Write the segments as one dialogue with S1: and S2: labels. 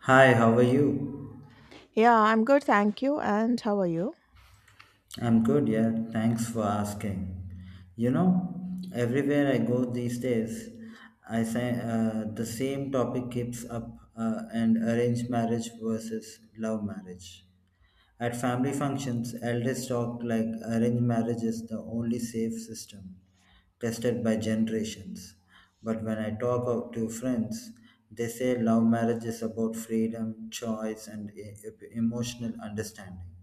S1: Hi, how are you?
S2: Yeah, I'm good, thank you. And how are you?
S1: I'm good, yeah. Thanks for asking. You know, everywhere I go these days, I say the same topic keeps up and arranged marriage versus love marriage. At family functions, elders talk like arranged marriage is the only safe system tested by generations. But when I talk out to friends, they say love marriage is about freedom, choice, and emotional understanding.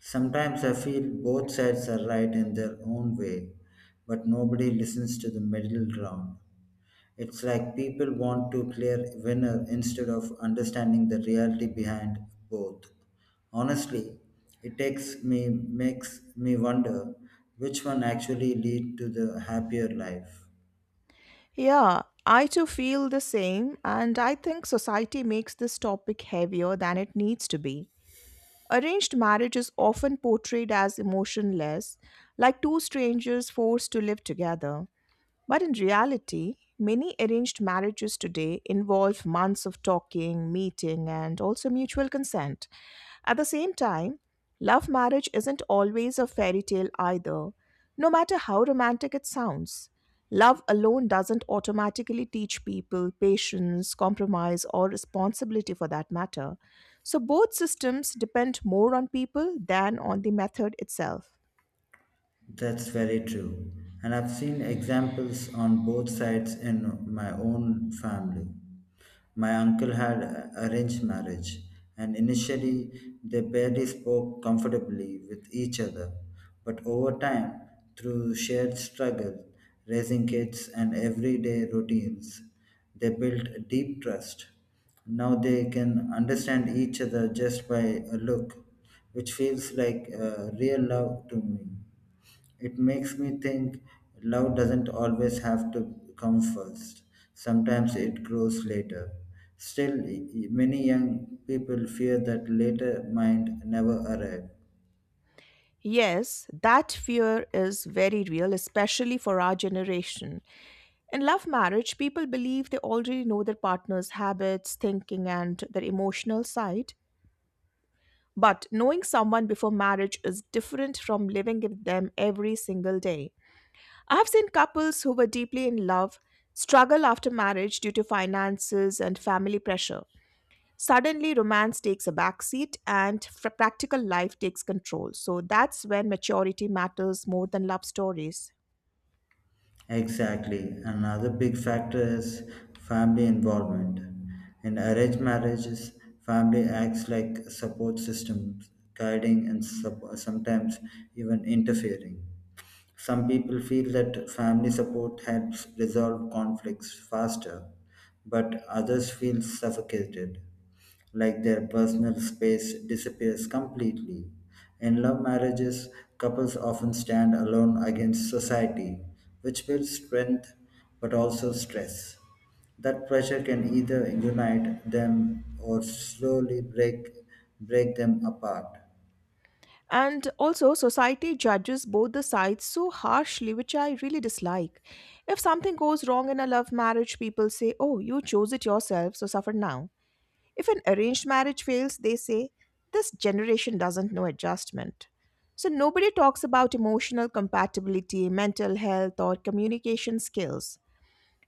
S1: Sometimes I feel both sides are right in their own way, but nobody listens to the middle ground. It's like people want to clear winner instead of understanding the reality behind both. Honestly, it takes me makes me wonder which one actually lead to the happier life.
S2: Yeah, I too feel the same, and I think society makes this topic heavier than it needs to be. Arranged marriage is often portrayed as emotionless, like two strangers forced to live together. But in reality, many arranged marriages today involve months of talking, meeting, and also mutual consent. At the same time, love marriage isn't always a fairy tale either, no matter how romantic it sounds. Love alone doesn't automatically teach people patience, compromise, or responsibility for that matter. So both systems depend more on people than on the method itself.
S1: That's very true. And I've seen examples on both sides in my own family. My uncle had arranged marriage, and initially they barely spoke comfortably with each other. But over time, through shared struggle, raising kids, and everyday routines, they built a deep trust. Now they can understand each other just by a look, which feels like real love to me. It makes me think love doesn't always have to come first. Sometimes it grows later. Still, many young people fear that later might never arrive.
S2: Yes, that fear is very real, especially for our generation. In love marriage, people believe they already know their partner's habits, thinking, and their emotional side. But knowing someone before marriage is different from living with them every single day. I have seen couples who were deeply in love struggle after marriage due to finances and family pressure. Suddenly, romance takes a backseat and practical life takes control. So that's when maturity matters more than love stories.
S1: Exactly. Another big factor is family involvement. In arranged marriages, family acts like support systems, guiding and sometimes even interfering. Some people feel that family support helps resolve conflicts faster, but others feel suffocated like their personal space disappears completely. In love marriages, couples often stand alone against society, which builds strength but also stress. That pressure can either unite them or slowly break them apart.
S2: And also, society judges both the sides so harshly, which I really dislike. If something goes wrong in a love marriage, people say, "Oh, you chose it yourself, so suffer now." If an arranged marriage fails, they say, "This generation doesn't know adjustment." So nobody talks about emotional compatibility, mental health, or communication skills.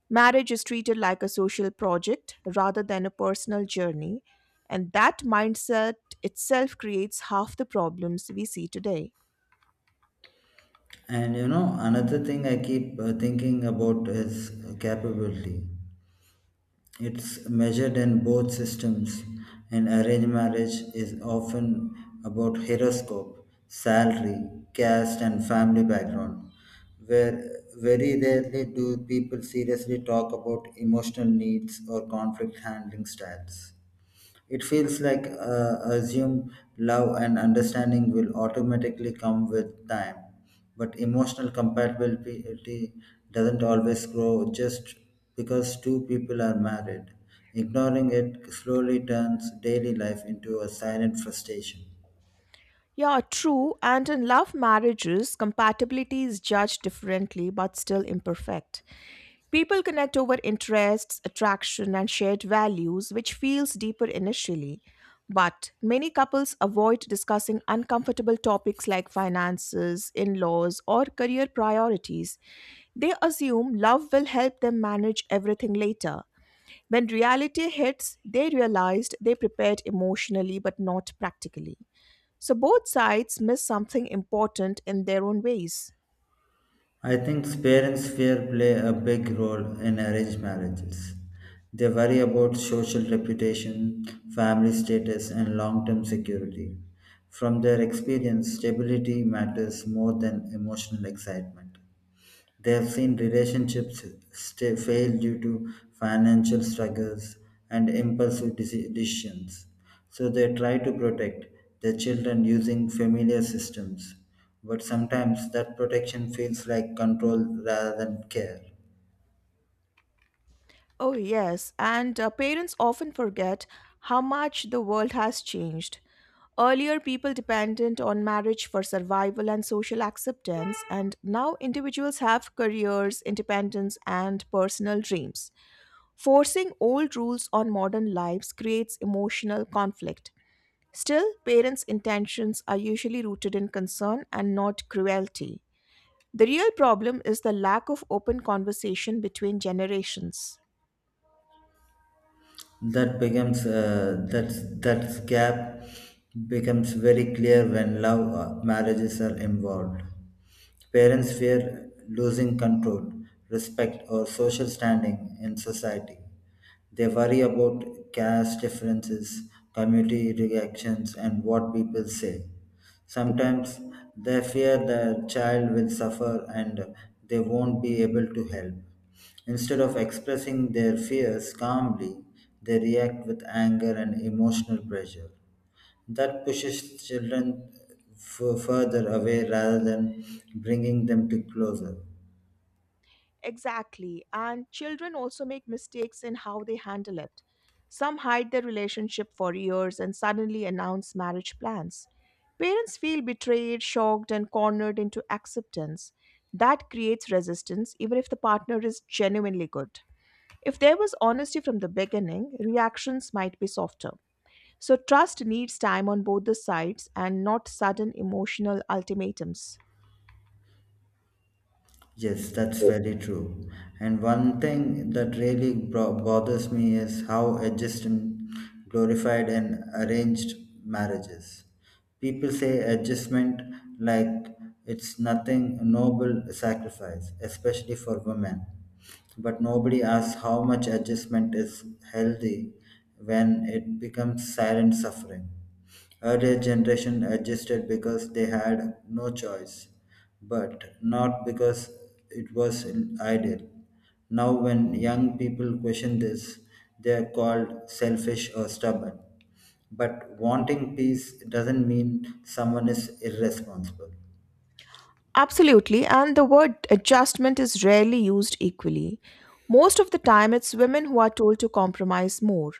S2: Marriage is treated like a social project rather than a personal journey, and that mindset itself creates half the problems we see today.
S1: And another thing I keep thinking about is capability. It's measured in both systems, and arranged marriage is often about horoscope, salary, caste, and family background, where very rarely do people seriously talk about emotional needs or conflict handling styles. It feels like assume love and understanding will automatically come with time, but emotional compatibility doesn't always grow just because two people are married. Ignoring it slowly turns daily life into a silent frustration.
S2: Yeah, true. And in love marriages, compatibility is judged differently but still imperfect. People connect over interests, attraction, and shared values, which feels deeper initially. But many couples avoid discussing uncomfortable topics like finances, in laws, or career priorities. They assume love will help them manage everything later. When reality hits, they realized they prepared emotionally but not practically. So both sides miss something important in their own ways.
S1: I think parents' fear play a big role in arranged marriages. They worry about social reputation, family status, and long term security. From their experience, stability matters more than emotional excitement. They have seen relationships fail due to financial struggles and impulsive decisions. So they try to protect their children using familiar systems. But sometimes that protection feels like control rather than care.
S2: Oh, yes, and parents often forget how much the world has changed. Earlier, people depended on marriage for survival and social acceptance, and now individuals have careers, independence, and personal dreams. Forcing old rules on modern lives creates emotional conflict. Still, parents' intentions are usually rooted in concern and not cruelty. The real problem is the lack of open conversation between generations.
S1: That gap becomes very clear when love marriages are involved. Parents fear losing control, respect, or social standing in society. They worry about caste differences, community reactions, and what people say. Sometimes they fear the child will suffer and they won't be able to help. Instead of expressing their fears calmly, they react with anger and emotional pressure. That pushes children further away rather than bringing them to closer.
S2: Exactly, and children also make mistakes in how they handle it. Some hide their relationship for years and suddenly announce marriage plans. Parents feel betrayed, shocked, and cornered into acceptance. That creates resistance, even if the partner is genuinely good. If there was honesty from the beginning, reactions might be softer. So, trust needs time on both the sides and not sudden emotional ultimatums.
S1: Yes, that's very true. And one thing that really bothers me is how adjustment glorified and arranged marriages. People say adjustment like it's nothing noble sacrifice, especially for women. But nobody asks how much adjustment is healthy when it becomes silent suffering. Earlier generation adjusted because they had no choice, but not because it was ideal. Now, when young people question this, they are called selfish or stubborn. But wanting peace doesn't mean someone is irresponsible.
S2: Absolutely, and the word adjustment is rarely used equally. Most of the time, it's women who are told to compromise more.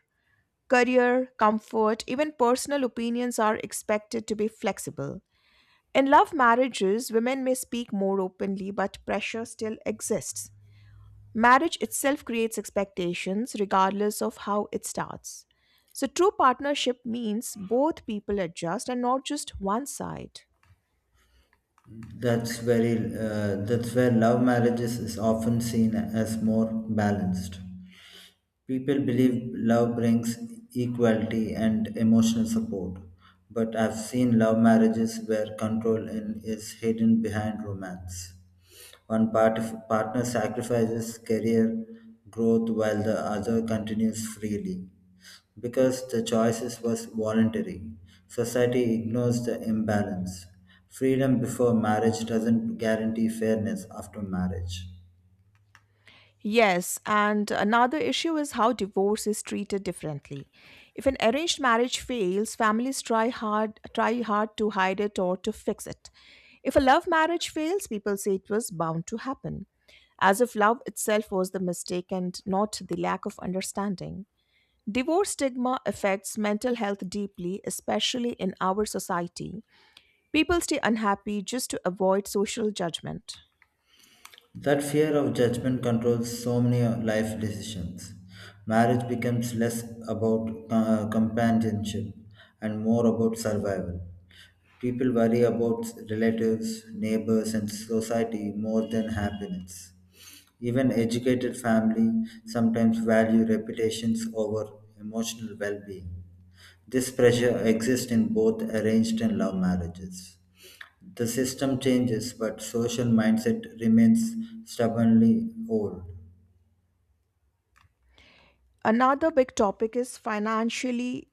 S2: Career, comfort, even personal opinions are expected to be flexible. In love marriages, women may speak more openly, but pressure still exists. Marriage itself creates expectations regardless of how it starts. So, true partnership means both people adjust and not just one side.
S1: That's where love marriages is often seen as more balanced. People believe love brings equality and emotional support, but I've seen love marriages where control is hidden behind romance. One partner sacrifices career growth while the other continues freely. Because the choices was voluntary, society ignores the imbalance. Freedom before marriage doesn't guarantee fairness after marriage.
S2: Yes, and another issue is how divorce is treated differently. If an arranged marriage fails, families try hard to hide it or to fix it. If a love marriage fails, people say it was bound to happen, as if love itself was the mistake and not the lack of understanding. Divorce stigma affects mental health deeply, especially in our society. People stay unhappy just to avoid social judgment.
S1: That fear of judgment controls so many life decisions. Marriage becomes less about companionship and more about survival. People worry about relatives, neighbors, and society more than happiness. Even educated family sometimes value reputations over emotional well-being. This pressure exists in both arranged and love marriages. The system changes, but social mindset remains stubbornly old.
S2: Another big topic is financially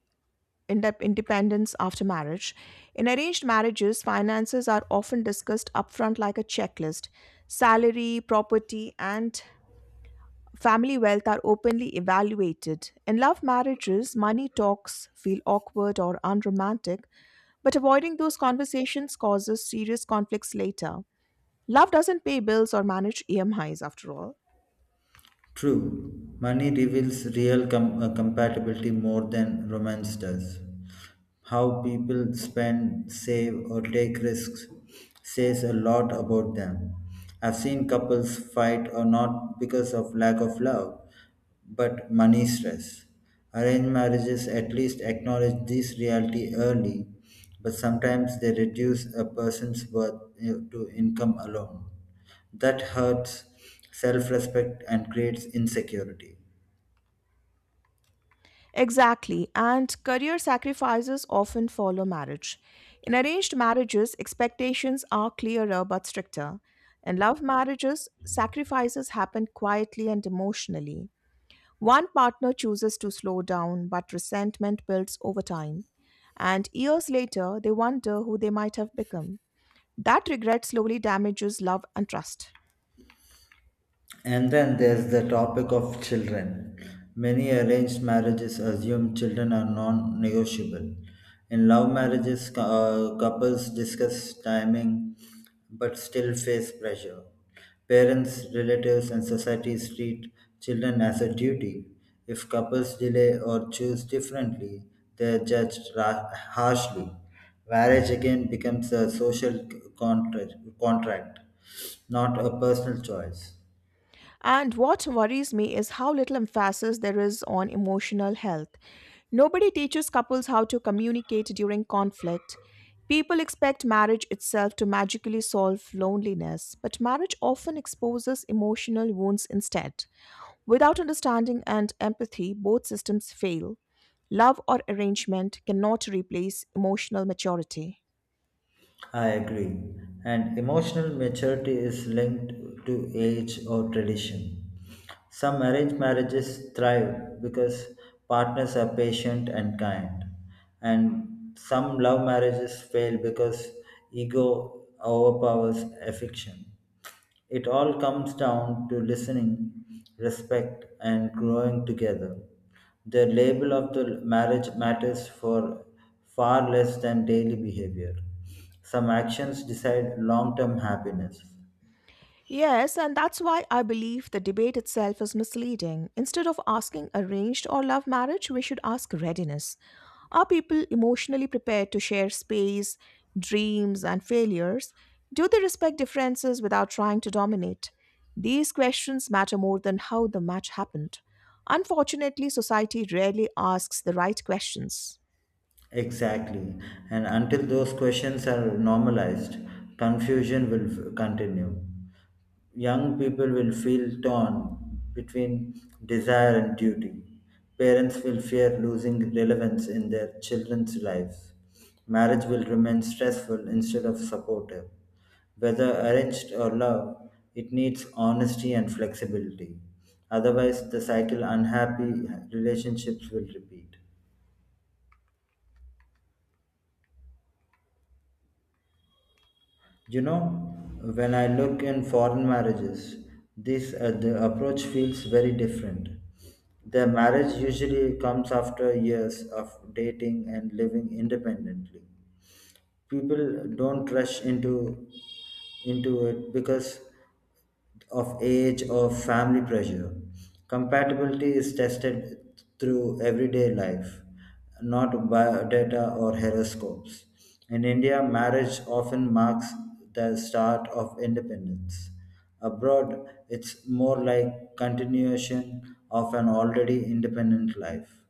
S2: independence after marriage. In arranged marriages, finances are often discussed upfront like a checklist salary, property, and family wealth are openly evaluated. In love marriages, money talks feel awkward or unromantic, but avoiding those conversations causes serious conflicts later. Love doesn't pay bills or manage EMIs after all.
S1: True, money reveals real compatibility more than romance does. How people spend, save, or take risks says a lot about them. I've seen couples fight or not because of lack of love, but money stress. Arranged marriages at least acknowledge this reality early, but sometimes they reduce a person's worth to income alone. That hurts self respect and creates insecurity.
S2: Exactly, and career sacrifices often follow marriage. In arranged marriages, expectations are clearer but stricter. In love marriages, sacrifices happen quietly and emotionally. One partner chooses to slow down, but resentment builds over time. And years later, they wonder who they might have become. That regret slowly damages love and trust.
S1: And then there's the topic of children. Many arranged marriages assume children are non negotiable. In love marriages, couples discuss timing but still face pressure. Parents, relatives, and societies treat children as a duty. If couples delay or choose differently, they are judged harshly. Marriage again becomes a social contract, not a personal choice.
S2: And what worries me is how little emphasis there is on emotional health. Nobody teaches couples how to communicate during conflict. People expect marriage itself to magically solve loneliness, but marriage often exposes emotional wounds instead. Without understanding and empathy, both systems fail. Love or arrangement cannot replace emotional maturity.
S1: I agree. And emotional maturity is linked to age or tradition. Some arranged marriages thrive because partners are patient and kind. And some love marriages fail because ego overpowers affection. It all comes down to listening, respect, and growing together. The label of the marriage matters for far less than daily behavior. Some actions decide long term happiness.
S2: Yes, and that's why I believe the debate itself is misleading. Instead of asking arranged or love marriage, we should ask readiness. Are people emotionally prepared to share space, dreams, and failures? Do they respect differences without trying to dominate? These questions matter more than how the match happened. Unfortunately, society rarely asks the right questions.
S1: Exactly. And until those questions are normalized, confusion will continue. Young people will feel torn between desire and duty. Parents will fear losing relevance in their children's lives. Marriage will remain stressful instead of supportive. Whether arranged or love, it needs honesty and flexibility. Otherwise, the cycle unhappy relationships will repeat. You know, when I look in foreign marriages, this the approach feels very different. The marriage usually comes after years of dating and living independently. People don't rush into it because of age or family pressure. Compatibility is tested through everyday life, not by data or horoscopes. In India, marriage often marks the start of independence. Abroad, it's more like continuation of an already independent life.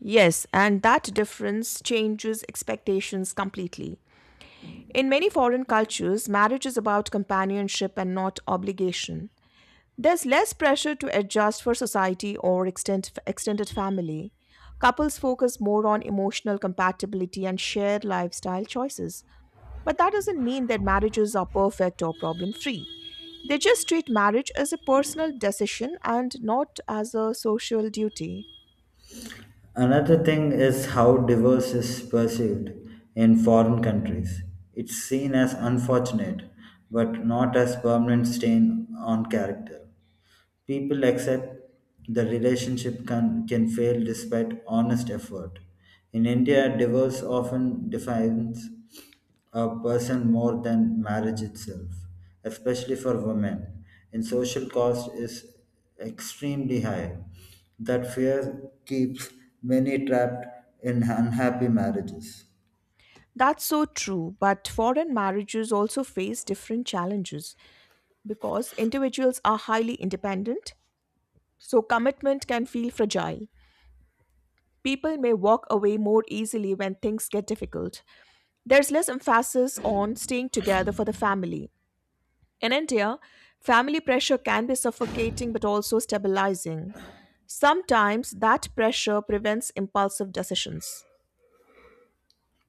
S2: Yes, and that difference changes expectations completely. In many foreign cultures, marriage is about companionship and not obligation. There's less pressure to adjust for society or extended family. Couples focus more on emotional compatibility and shared lifestyle choices. But that doesn't mean that marriages are perfect or problem free. They just treat marriage as a personal decision and not as a social duty.
S1: Another thing is how divorce is perceived in foreign countries. It's seen as unfortunate, but not as permanent stain on character. People accept the relationship can fail despite honest effort. In India, divorce often defines a person more than marriage itself, especially for women. And social cost is extremely high. That fear keeps many trapped in unhappy marriages.
S2: That's so true, but foreign marriages also face different challenges. Because individuals are highly independent, so commitment can feel fragile. People may walk away more easily when things get difficult. There's less emphasis on staying together for the family. In India, family pressure can be suffocating but also stabilizing. Sometimes that pressure prevents impulsive decisions.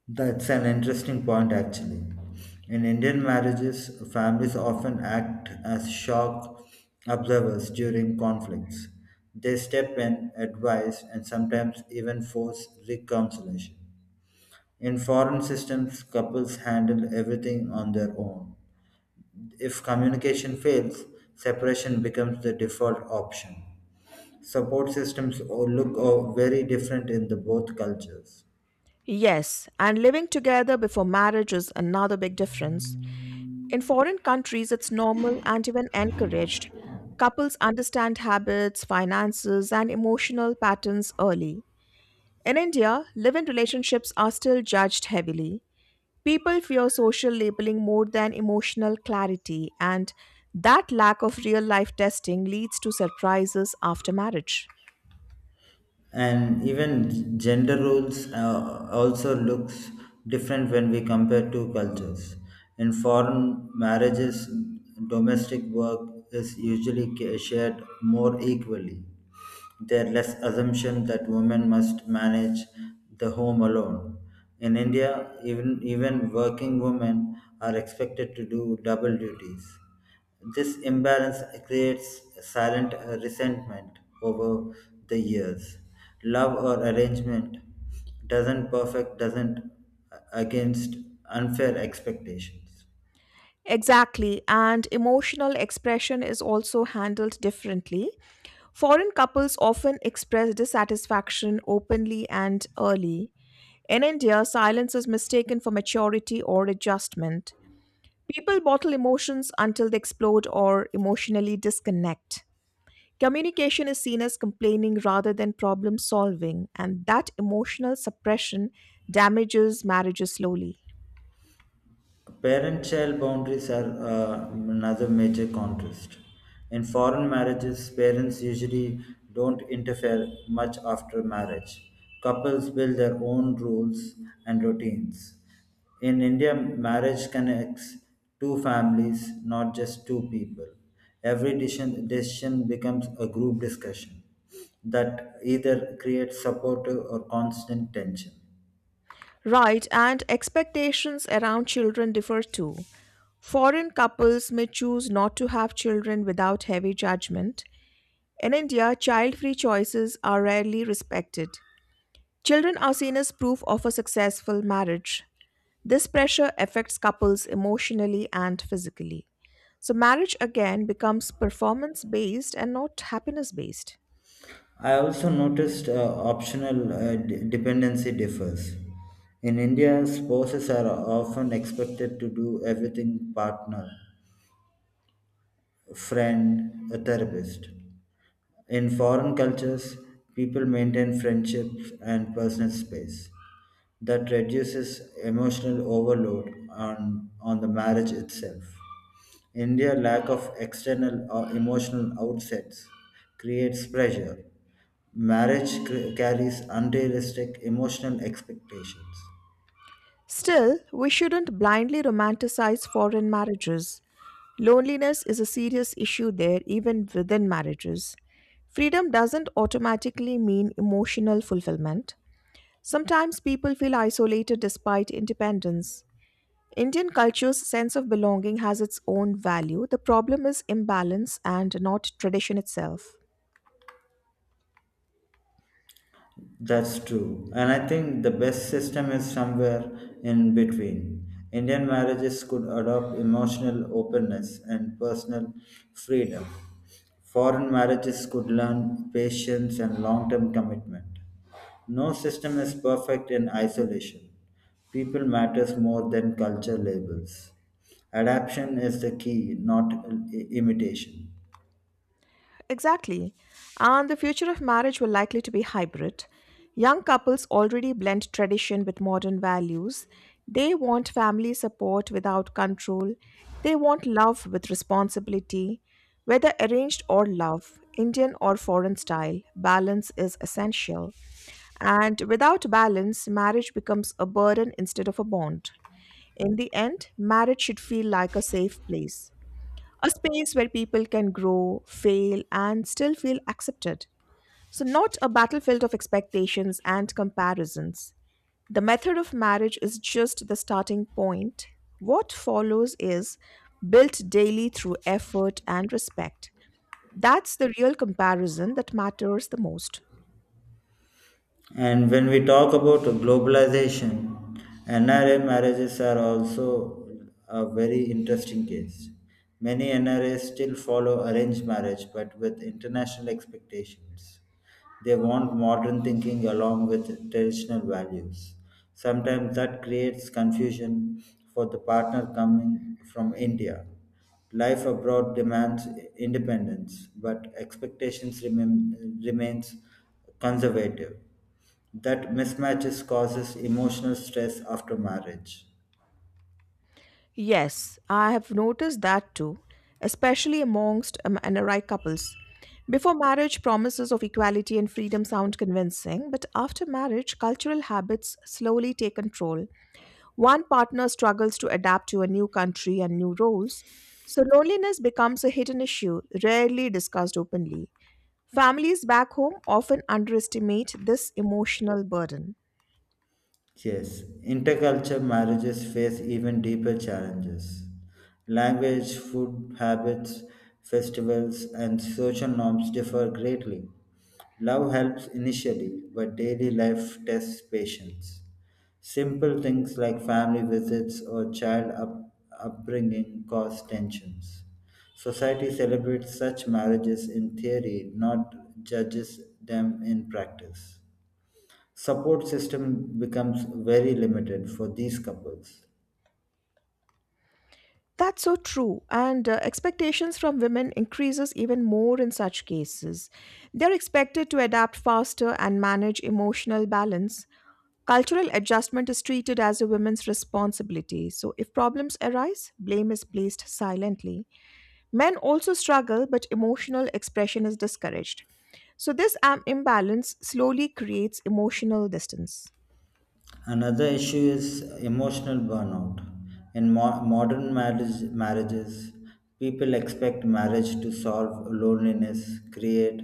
S1: That's an interesting point, actually. In Indian marriages, families often act as shock observers during conflicts. They step in, advise, and sometimes even force reconciliation. In foreign systems, couples handle everything on their own. If communication fails, separation becomes the default option. Support systems look very different in the both cultures.
S2: Yes, and living together before marriage is another big difference. In foreign countries, it's normal and even encouraged. Couples understand habits, finances, and emotional patterns early. In India, live in relationships are still judged heavily. People fear social labeling more than emotional clarity, and that lack of real life testing leads to surprises after marriage.
S1: And even gender roles also looks different when we compare two cultures. In foreign marriages, domestic work is usually shared more equally. There are less assumption that women must manage the home alone. In India, even working women are expected to do double duties. This imbalance creates silent resentment over the years. Love or arrangement doesn't against unfair expectations.
S2: Exactly, and emotional expression is also handled differently. Foreign couples often express dissatisfaction openly and early. In India, silence is mistaken for maturity or adjustment. People bottle emotions until they explode or emotionally disconnect. Communication is seen as complaining rather than problem solving, and that emotional suppression damages marriages slowly.
S1: Parent child boundaries are another major contrast. In foreign marriages, parents usually don't interfere much after marriage. Couples build their own rules and routines. In India, marriage connects two families, not just two people. Every decision becomes a group discussion that either creates supportive or constant tension.
S2: Right, and expectations around children differ too. Foreign couples may choose not to have children without heavy judgment. In India, child free choices are rarely respected. Children are seen as proof of a successful marriage. This pressure affects couples emotionally and physically. So, marriage again becomes performance based and not happiness based.
S1: I also noticed optional dependency differs. In India, spouses are often expected to do everything partner, friend, a therapist. In foreign cultures, people maintain friendships and personal space. That reduces emotional overload on the marriage itself. India lack of external or emotional outsets creates pressure. Marriage carries unrealistic emotional expectations.
S2: Still, we shouldn't blindly romanticize foreign marriages. Loneliness is a serious issue there, even within marriages. Freedom doesn't automatically mean emotional fulfillment. Sometimes people feel isolated despite independence. Indian culture's sense of belonging has its own value. The problem is imbalance and not tradition itself.
S1: That's true. And I think the best system is somewhere in between. Indian marriages could adopt emotional openness and personal freedom. Foreign marriages could learn patience and long term commitment. No system is perfect in isolation. People matters more than culture labels. Adaptation is the key, not imitation.
S2: Exactly. And the future of marriage will likely to be hybrid. Young couples already blend tradition with modern values. They want family support without control. They want love with responsibility. Whether arranged or love, Indian or foreign style, balance is essential. And without balance, marriage becomes a burden instead of a bond. In the end, marriage should feel like a safe place, a space where people can grow, fail, and still feel accepted. So, not a battlefield of expectations and comparisons. The method of marriage is just the starting point. What follows is built daily through effort and respect. That's the real comparison that matters the most.
S1: And when we talk about globalization, NRA marriages are also a very interesting case. Many NRAs still follow arranged marriage but with international expectations. They want modern thinking along with traditional values. Sometimes that creates confusion for the partner coming from India. Life abroad demands independence, but expectations remains conservative. That mismatches causes emotional stress after marriage.
S2: Yes, I have noticed that too, especially amongst NRI couples. Before marriage, promises of equality and freedom sound convincing, but after marriage, cultural habits slowly take control. One partner struggles to adapt to a new country and new roles, so loneliness becomes a hidden issue, rarely discussed openly. Families back home often underestimate this emotional burden.
S1: Yes, intercultural marriages face even deeper challenges. Language, food habits, festivals, and social norms differ greatly. Love helps initially, but daily life tests patience. Simple things like family visits or child upbringing cause tensions. Society celebrates such marriages in theory, not judges them in practice. Support system becomes very limited for these couples.
S2: That's so true and expectations from women increases even more in such cases. They're expected to adapt faster and manage emotional balance. Cultural adjustment is treated as a woman's responsibility. So if problems arise, blame is placed silently. Men also struggle, but emotional expression is discouraged. So, this imbalance slowly creates emotional distance.
S1: Another issue is emotional burnout. In modern marriages, people expect marriage to solve loneliness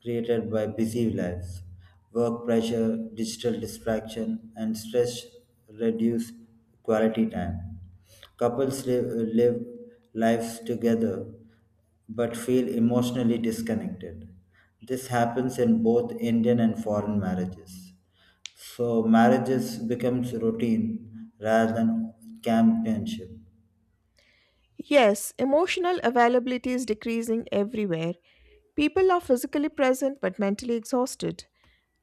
S1: created by busy lives. Work pressure, digital distraction, and stress reduce quality time. Couples live lives together but feel emotionally disconnected. This happens in both Indian and foreign marriages. So marriages becomes routine rather than companionship.
S2: Yes, emotional availability is decreasing everywhere. People are physically present but mentally exhausted.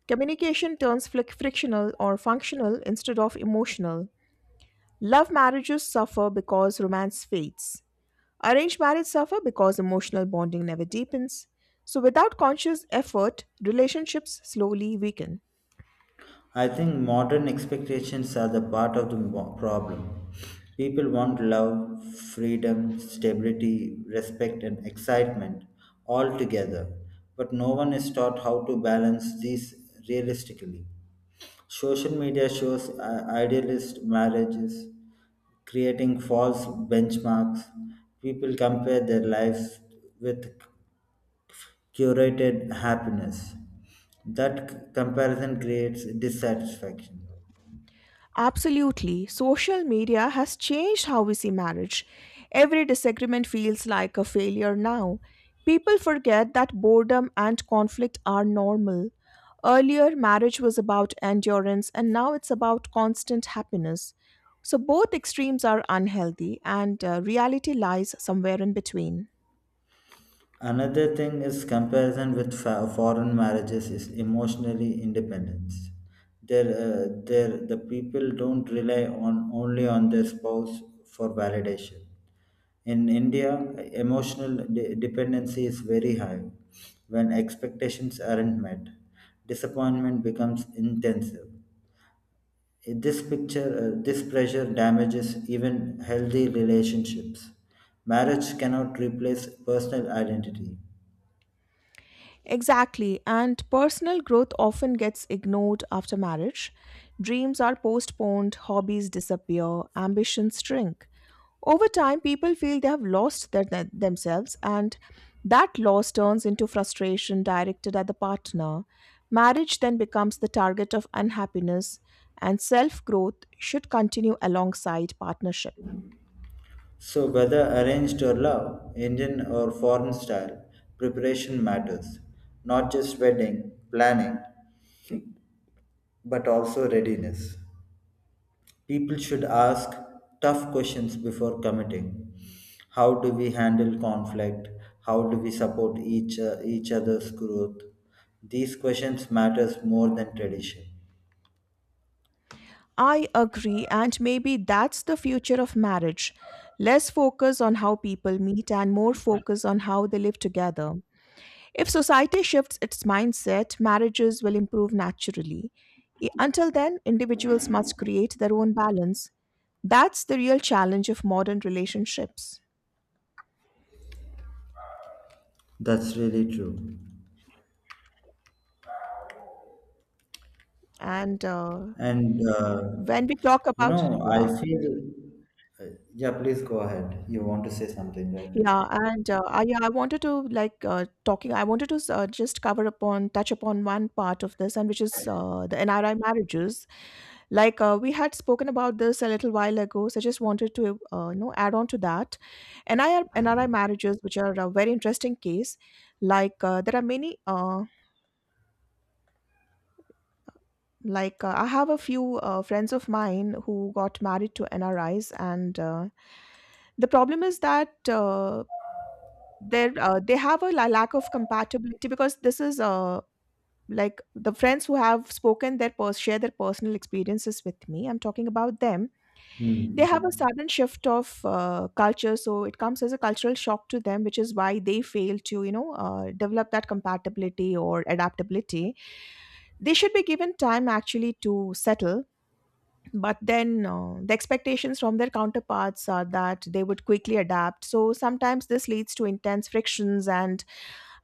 S2: Communication turns frictional or functional instead of emotional. Love marriages suffer because romance fades. Arranged marriage suffer because emotional bonding never deepens. So without conscious effort, relationships slowly weaken.
S1: I think modern expectations are the part of the problem. People want love, freedom, stability, respect, and excitement all together, but no one is taught how to balance these realistically. Social media shows idealist marriages, creating false benchmarks. People compare their lives with curated happiness. That comparison creates dissatisfaction.
S2: Absolutely. Social media has changed how we see marriage. Every disagreement feels like a failure now. People forget that boredom and conflict are normal. Earlier, marriage was about endurance, and now it's about constant happiness. So, both extremes are unhealthy, and reality lies somewhere in between.
S1: Another thing is comparison with foreign marriages is emotionally independence. There, the people don't rely on only on their spouse for validation. In India, emotional dependency is very high. When expectations aren't met, disappointment becomes intensive. This pressure damages even healthy relationships. Marriage cannot replace personal identity.
S2: Exactly, and personal growth often gets ignored after marriage. Dreams are postponed, hobbies disappear, ambitions shrink. Over time, people feel they have lost themselves, and that loss turns into frustration directed at the partner. Marriage then becomes the target of unhappiness, and self growth should continue alongside partnership.
S1: So, whether arranged or love, Indian or foreign style, preparation matters. Not just wedding, planning, but also readiness. People should ask tough questions before committing. How do we handle conflict? How do we support each other's growth? These questions matters more than tradition.
S2: I agree, and maybe that's the future of marriage. Less focus on how people meet and more focus on how they live together. If society shifts its mindset, marriages will improve naturally. Until then, individuals must create their own balance. That's the real challenge of modern relationships.
S1: That's really true.
S2: And
S1: And
S2: when we talk about,
S1: I
S2: yeah,
S1: feel. Uh, yeah, please go ahead. You want to say something, right?
S2: yeah, and I wanted to like talking. I wanted to just touch upon one part of this, and which is the NRI marriages. We had spoken about this a little while ago, so I just wanted to you know add on to that. NRI marriages, which are a very interesting case. There are many. I have a few friends of mine who got married to NRIs, and the problem is that there, they have a lack of compatibility because this is like the friends who have spoken share their personal experiences with me. I'm talking about them. They
S1: Hmm.
S2: have a sudden shift of culture, so it comes as a cultural shock to them, which is why they fail to you know develop that compatibility or adaptability. They should be given time actually to settle, but then the expectations from their counterparts are that they would quickly adapt, so sometimes this leads to intense frictions. And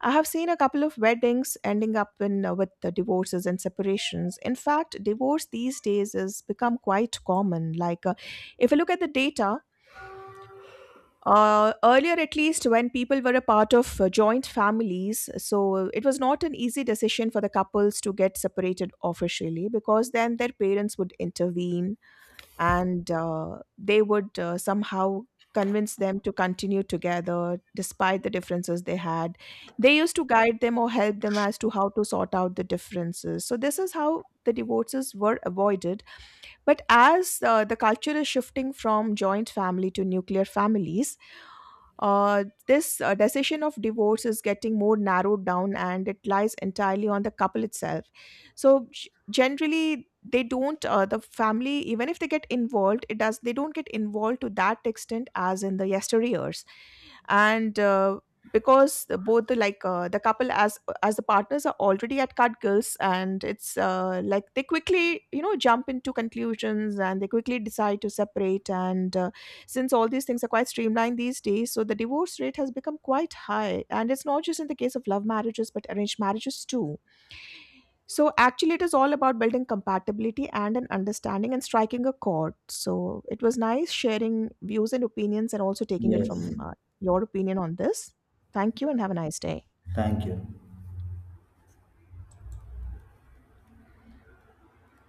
S2: I have seen a couple of weddings ending up in with the divorces and separations. In fact, divorce these days has become quite common. If you look at the data, earlier at least when people were a part of joint families, so it was not an easy decision for the couples to get separated officially, because then their parents would intervene, and they would somehow convince them to continue together despite the differences they had. They used to guide them or help them as to how to sort out the differences, so this is how the divorces were avoided. But as the culture is shifting from joint family to nuclear families, this decision of divorce is getting more narrowed down, and it lies entirely on the couple itself. So, generally, they don't, the family, even if they get involved, they don't get involved to that extent as in the yesteryears. And because both the like the couple as the partners are already at cutgills, and it's like they quickly you know jump into conclusions and they quickly decide to separate. And since all these things are quite streamlined these days, so the divorce rate has become quite high. And it's not just in the case of love marriages, but arranged marriages too. So actually, it is all about building compatibility and an understanding and striking a chord. So it was nice sharing views and opinions and also taking it
S1: Yes.
S2: from your opinion on this. Thank you and have a nice day.
S1: Thank you.